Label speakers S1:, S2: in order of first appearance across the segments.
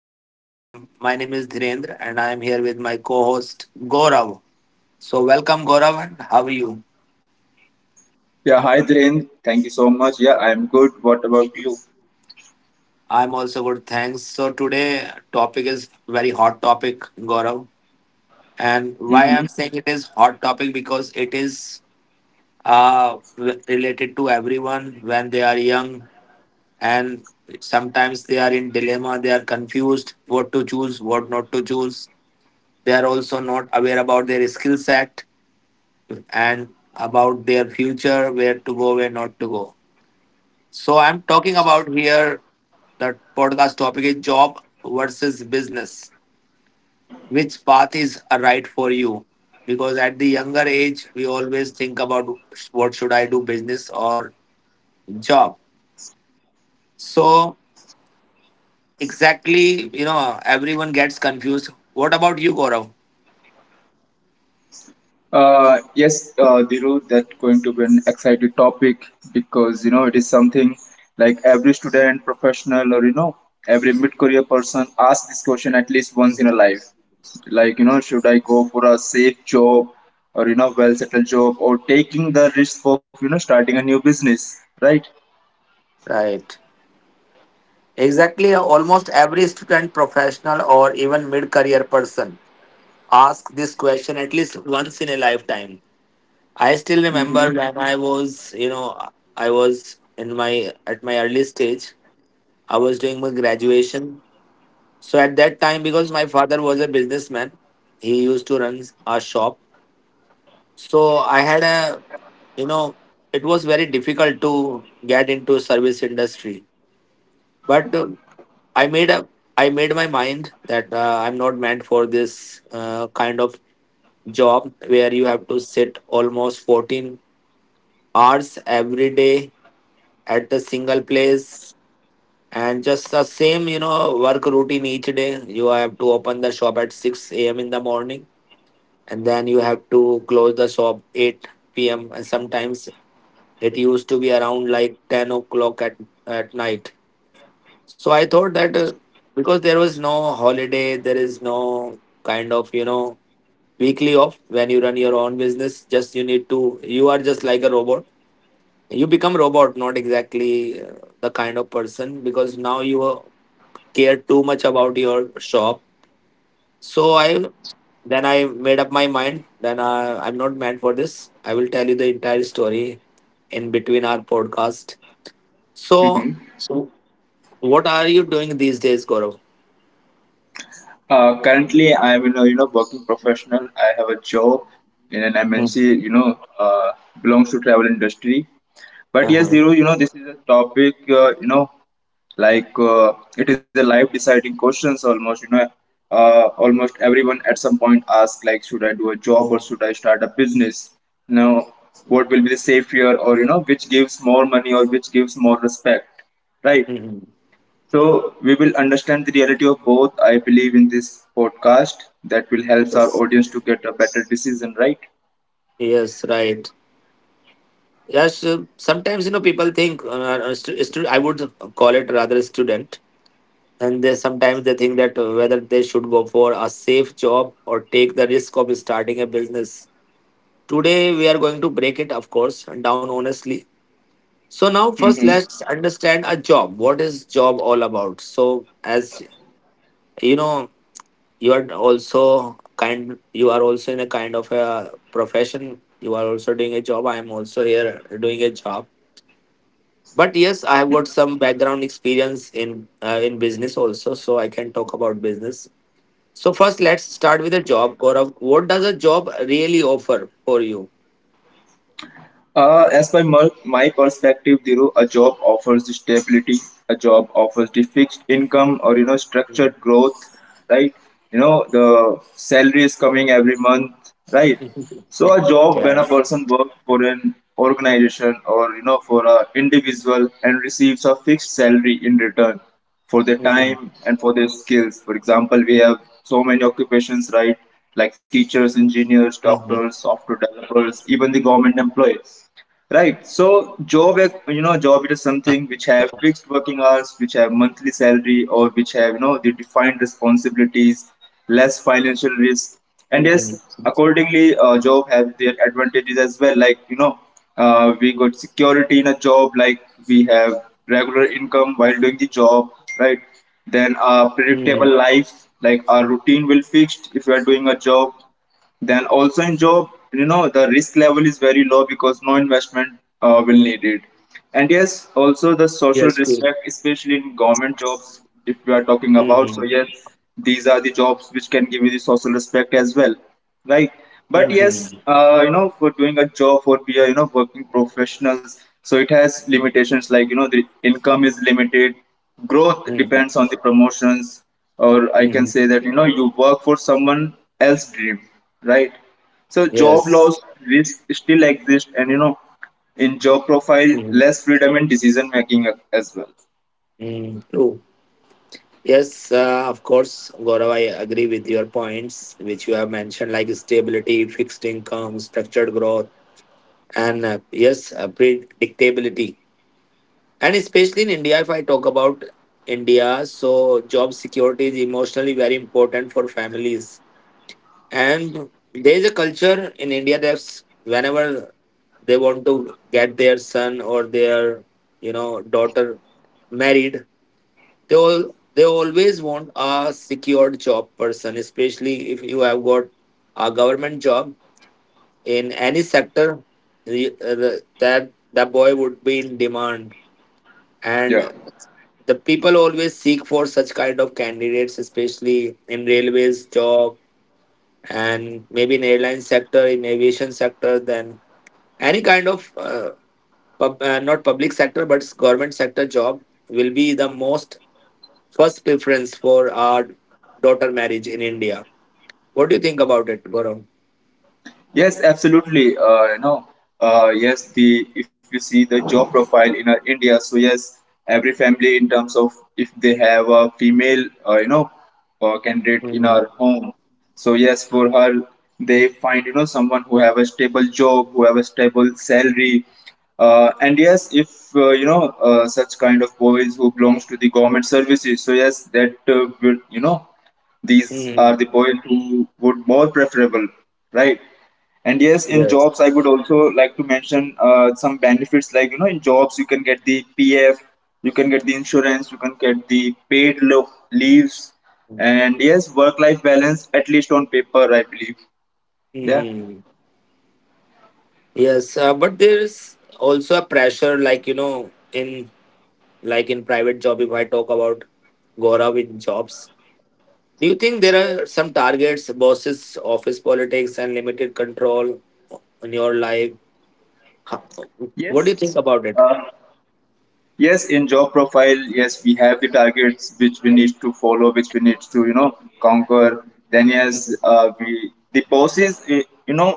S1: channel, and I'm my name is Dhirendra, and I am here with my co-host Gaurav. So welcome Gaurav, and how are you?
S2: Yeah, hi Dhiren. Thank you so much. Yeah, I'm good. What about you?
S1: I'm also good, thanks. So today topic is very hot topic, Gaurav, and why I'm
S2: Mm-hmm.
S1: saying it is hot topic because it is related to everyone when they are young, and sometimes they are in dilemma, they are confused what to choose, what not to choose. They are also not aware about their skill set and about their future, where to go, where not to go. So I'm talking about here the podcast topic is job versus business. Which path is a right for you? Because at the younger age, we always think about what should I do, business or job. So exactly, everyone gets confused. What about you, Gaurav?
S2: Yes, Dhiru, that's going to be an exciting topic because you know it is something like every student, professional, or every mid-career person asks this question at least once in a life. Like you know, should I go for a safe job or well-settled job or taking the risk of starting a new business, right?
S1: Right. Exactly. Almost every student, professional, or even mid career person ask this question at least once in a lifetime. I still
S2: Mm-hmm.
S1: remember when I was, I was in my at my early stage. I was doing my graduation. So at that time, because my father was a businessman, he used to run a shop. So I had a, you know, it was very difficult to get into service industry. But I made a I made my mind that I'm not meant for this kind of job where you have to sit almost 14 hours every day at a single place, and just the same work routine each day. You have to open the shop at 6 a.m. in the morning, and then you have to close the shop 8 p.m., and sometimes it used to be around like 10 o'clock at night. So I thought that, because there was no holiday, there is no kind of weekly off. When you run your own business, just you need to you are just like a robot. You become robot, not exactly the kind of person, because now you care too much about your shop. So I made up my mind then, I'm not meant for this. I will tell you the entire story in between our podcast. So
S2: Mm-hmm.
S1: w- what are you doing these days, Gaurav?
S2: Currently, I'm in a you know working professional. I have a job in an
S1: Hmm.
S2: MNC. Belongs to travel industry. But yes,
S1: Uh-huh.
S2: Dhiru, you know this is a topic. It is a life deciding questions almost. Almost everyone at some point asks like, should I do a job or should I start a business? You know, what will be the safer or which gives more money or which gives more respect, right?
S1: Mhm.
S2: So we will understand the reality of both, I believe, in this podcast that will help our
S1: Yes,
S2: audience to get a better decision, right?
S1: yes, right. Yes, sometimes people think I would call it rather a student, and they sometimes they think that whether they should go for a safe job or take the risk of starting a business. Today we are going to break it, of course, down honestly. So now first
S2: Hmm.
S1: let's understand a job. What is job all about? So as you know, you are also kind. You are also in a kind of a profession. You are also doing a job. I am also here doing a job. But yes, I have got some background experience in business also, so I can talk about business. So first, let's start with a job. Gaurav, what does a job really offer for you?
S2: As by my perspective, Dhiru, a job offers the stability, a job offers the fixed income or, you know, structured growth, right? You know, the salary is coming every month, right?
S1: Mhm. Mhm.
S2: So a job when a
S1: Yes.
S2: person works for an organization or, you know, for an individual and receives a fixed salary in return for their
S1: Hmm.
S2: time and for their skills. For example, we have so many occupations, right? Like teachers,
S1: Hmm.
S2: engineers, doctors, software developers, even the government employees. Right.
S1: Uh-huh.
S2: So
S1: So
S2: job, you know, job it is something which have fixed working hours, which have monthly salary, or which have the defined responsibilities, less financial
S1: hmm,
S2: risk, and yes, accordingly, job have their advantages as well. Like you know, we got security in a job, like we have regular income while doing the job, right? Then a
S1: hmm.
S2: predictable life, like our routine will fixed if we are doing a job then also in job, you know, the risk level is very low because no investment will need it. And yes, also the
S1: Yes.
S2: social
S1: Good.
S2: respect, especially in government jobs, if we are talking
S1: Hmm,
S2: about. So yes, these are the jobs which can give you the social respect as well, right?
S1: hmm,
S2: But
S1: hmm,
S2: yes, you know, for doing a job for we are working professionals, so it has limitations like the income is limited, growth
S1: hmm.
S2: depends on the promotions, or I can say that you work for someone else's dream, right? So job
S1: Yes.
S2: loss risk still exist and you know in job profile
S1: Mm-hmm.
S2: less freedom in decision making as well.
S1: Mm-hmm. Yes, of course, Gaurav, I agree with your points, which you have mentioned, like stability, fixed income, structured growth, and yes, predictability. And especially in India, if I talk about India, so job security is emotionally very important for families. And there is a culture in India that's whenever they want to get their son or their, daughter married, they always want a secured job person, especially if you have got a government job in any sector. That boy would be in demand,
S2: Yeah.
S1: and the people always seek for such kind of candidates, especially in railways job and maybe in airline sector, in aviation sector, then any kind of not public sector but government sector job will be the most first preference for our daughter marriage in India. What do you think about it, Gaurav?
S2: Yes, absolutely. You know, yes, the if you see the job profile in India, so yes, every family in terms of if they have a female, candidate in
S1: Hmm,
S2: our home, so yes, for her they find someone who have a stable job, who have a stable salary, and yes, if such kind of boys who belongs to the government services, so yes, that will you know these are
S1: hmm.
S2: the boys who would more preferable, right? And yes, in
S1: Yes.
S2: jobs, I would also like to mention some benefits like, you know, in jobs, you can get the PF, you can get the insurance, you can get the leaves. And yes, work life balance, at least on paper, I believe. Yeah.
S1: Hmm. Yes, but there is also a pressure, like in like in private job. If I talk about Gaurav in jobs, do you think there are some targets, bosses, office politics, and limited control in your life? Ho- What do you
S2: Yes.
S1: think about it?
S2: Uh, yes, in job profile, yes, we have the targets which we need to follow, which we need to, you know, conquer. Then, yes, we, the bosses, eh, you know,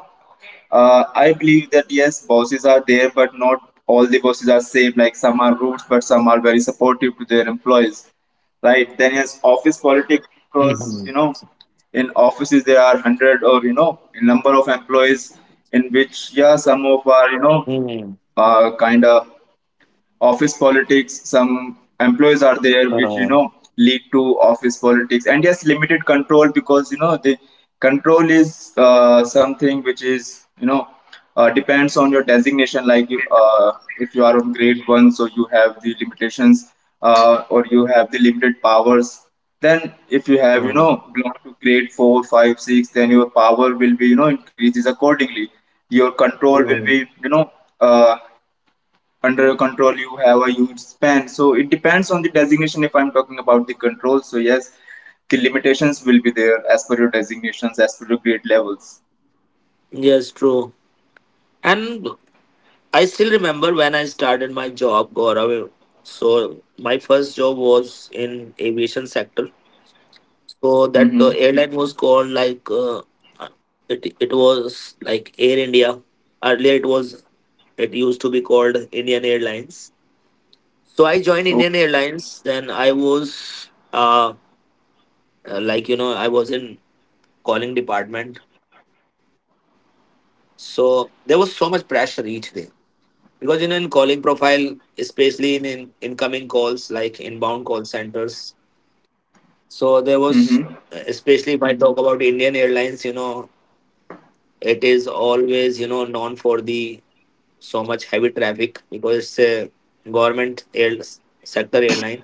S2: I believe that yes, bosses are there, but not all the bosses are same. Like some are rude, but some are very supportive to their employees, right? Then yes,
S1: Hmm,
S2: office politics, because you know, in offices there are hundred or you know, a number of employees in which yeah, some
S1: hmm.
S2: of are you know, kind of office politics some employees
S1: Uh,
S2: are there which you know lead to office politics, and yes limited control because you know the control is something which is depends on your designation like if you are on grade 1, so you have the limitations, or you have the limited powers, then if you have you
S1: uh,
S2: know belong to grade 4, 5, 6, then your power will be you know increases accordingly, your control will
S1: mhm.
S2: be uh, under your control you have a huge span, so it depends on the designation if I'm talking about the control. So yes, the limitations will be there as per your designations, as per your grade levels.
S1: Yes, true. And I still remember when I started my job, Gaurav. So my first job was in aviation sector. So that
S2: Mm-hmm.
S1: airline was called like It was like Air India. Earlier, it used to be called Indian Airlines. So I
S2: Oh.
S1: joined Indian Airlines. Then I was like I was in calling department. So there was so much pressure each day, because in calling profile, especially in incoming calls like inbound call centers. So there was,
S2: Mm-hmm.
S1: especially if I talk about Indian Airlines, it is always known for the so much heavy traffic, because it's a government air sector airline.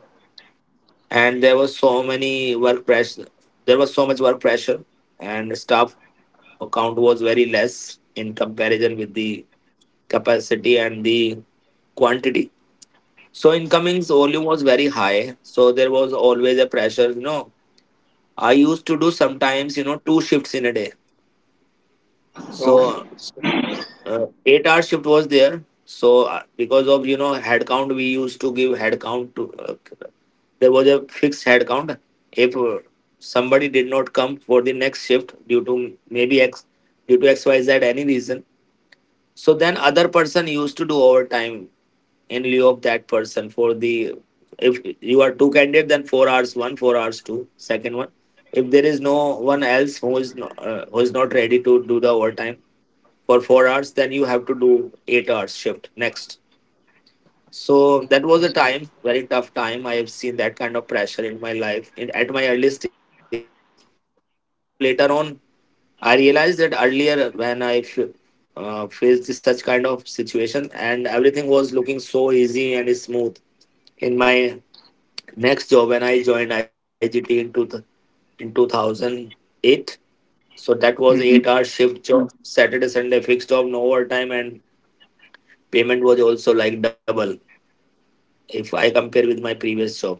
S1: And there was so many work pressure. There was so much work pressure, and staff count was very less in comparison with the capacity and the quantity. So incomings volume was very high. So there was always a pressure. You know, I used to do sometimes two shifts in a day.
S2: Oh.
S1: So 8 hour shift was there. So because of head count, we used to give head count to. There was a fixed head count. If somebody did not come for the next shift due to maybe X due to X Y Z any reason, so then other person used to do overtime in lieu of that person for the, if you are two candidate, then 4 hours 1, 4 hours 2 second one. If there is no one else who is who is not ready to do the overtime for 4 hours, then you have to do 8 hours shift next. So that was a time, very tough time. I have seen that kind of pressure in my life at my early stage. Thank god, because now later on I realized that earlier when I faced such kind of situation, and everything was looking so easy and smooth. In my next job, when I joined IGT in 2008, so that was
S2: Mm-hmm.
S1: 8 hour shift job, Saturday, Sunday fixed job, no overtime, and payment was also like double if I compare with my previous job.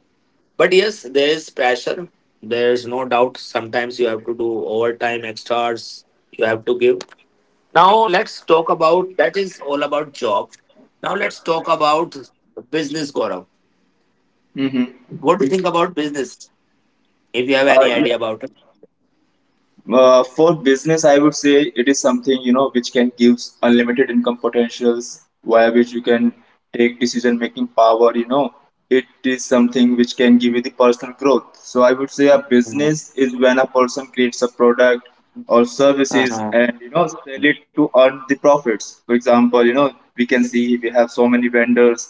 S1: But yes, there is pressure. There is no doubt. Sometimes you have to do overtime, extras. You have to give. Now let's talk about, that is all about job. Now let's talk about business, Gaurav.
S2: Mm-hmm.
S1: What do you think about business?
S2: Uh,
S1: If you have
S2: yeah.
S1: any idea about it.
S2: For business, I would say it is something which can give unlimited income potentials via which you can take decision making power. You know, it is something which can give you the personal growth. So I would say a business is
S1: Uh-huh.
S2: when a person creates a product or services and
S1: Uh-huh.
S2: sell it to earn the profits. For example, you know we can see we have so many vendors,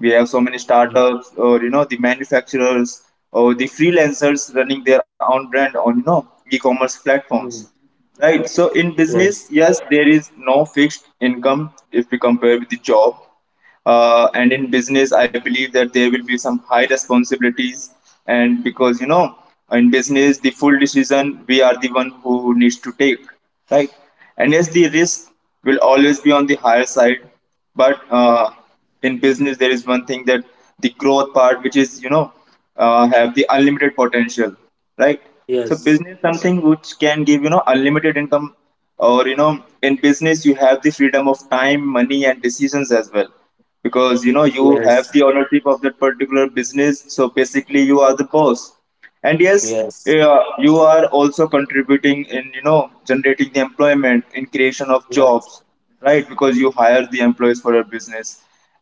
S2: we have so many startups or the manufacturers or the freelancers running their own brand on e-commerce platforms. Right. So
S1: Mhm.
S2: in business, yes, there is
S1: Yes.
S2: no fixed income if we compare with the job. And in business, I believe that there will be some high responsibilities. And because, you know, in business, the full decision, we are the one who needs to take, right? And yes, the risk will always be on the higher side. But in business there is one thing that the growth part which is have the unlimited potential, right? So business something which
S1: Yes.
S2: can give unlimited income or in business you have the freedom of time money and decisions as well, because you know you have the ownership of that particular
S1: Yes.
S2: business, so basically you are the boss. And yes, you are also
S1: Yes.
S2: contributing in generating the employment in creation of jobs, right? Because you hire
S1: Yes.
S2: the employees for your business,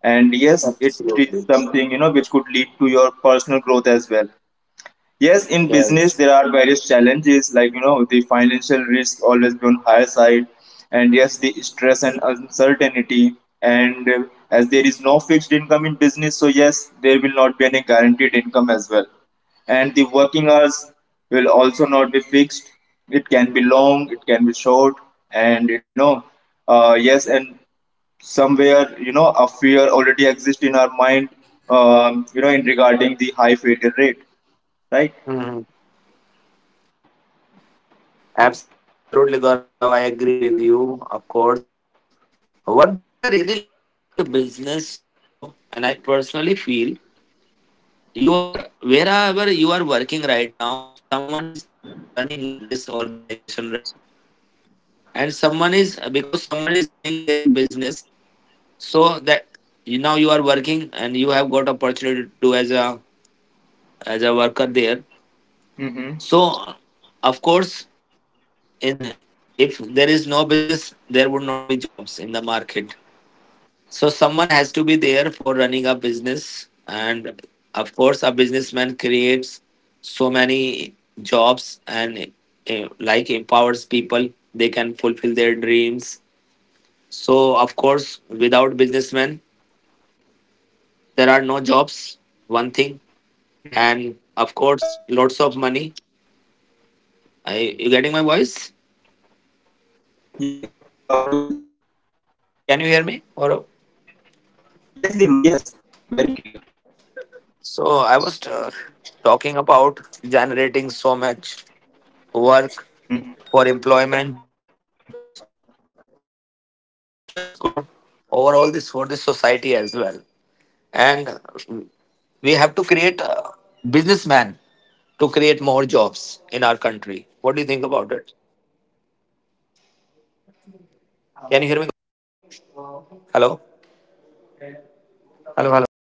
S2: and yes it is something which could lead to your
S1: Absolutely.
S2: personal growth as well. Yes, in business there are various challenges like
S1: Yes.
S2: the financial risk always be on higher side, and yes the stress and uncertainty. And as there is no fixed income in business, so yes there will not be any guaranteed income as well. And the working hours will also not be fixed. It can be long, it can be short, and uh, yes, and somewhere you know a fear already exists in our mind, you know, in regarding the high failure rate, right?
S1: Hmm. Absolutely, Gaurav. I agree with you, of course. One thing I really like about business, Gaurav, and I personally feel, you are wherever you are working right now, someone is running this organization, right? And someone is, because someone is running their business, so that, you now you are working and you have got opportunity to as a, as a worker there.
S2: Mm-hmm.
S1: So of course, in if there is no business, there would not be jobs in the market. So someone has to be there for running a business, and of course, a businessman creates so many jobs and like empowers people. They can fulfill their dreams. So of course, without businessmen, there are no jobs. One
S2: Hmm.
S1: thing,
S2: Yeah.
S1: and of course, lots of money. You getting my voice?
S2: Yeah, you are audible, Dhiru.
S1: Can you hear me? Or
S2: Yes, Dhiru, yes. Very clear.
S1: so I was talking about generating so much
S2: Hmm.
S1: work for employment, so it's
S2: Yeah.
S1: good for overall this for the society as well. And mm, we have to create a businessman
S2: Yes, Dhiru, you are
S1: to
S2: right.
S1: create more
S2: And I
S1: jobs
S2: would
S1: in
S2: like
S1: our
S2: to add
S1: country.
S2: on
S1: What do you think about it? Can you hear me? Hello, hello, hello, hello.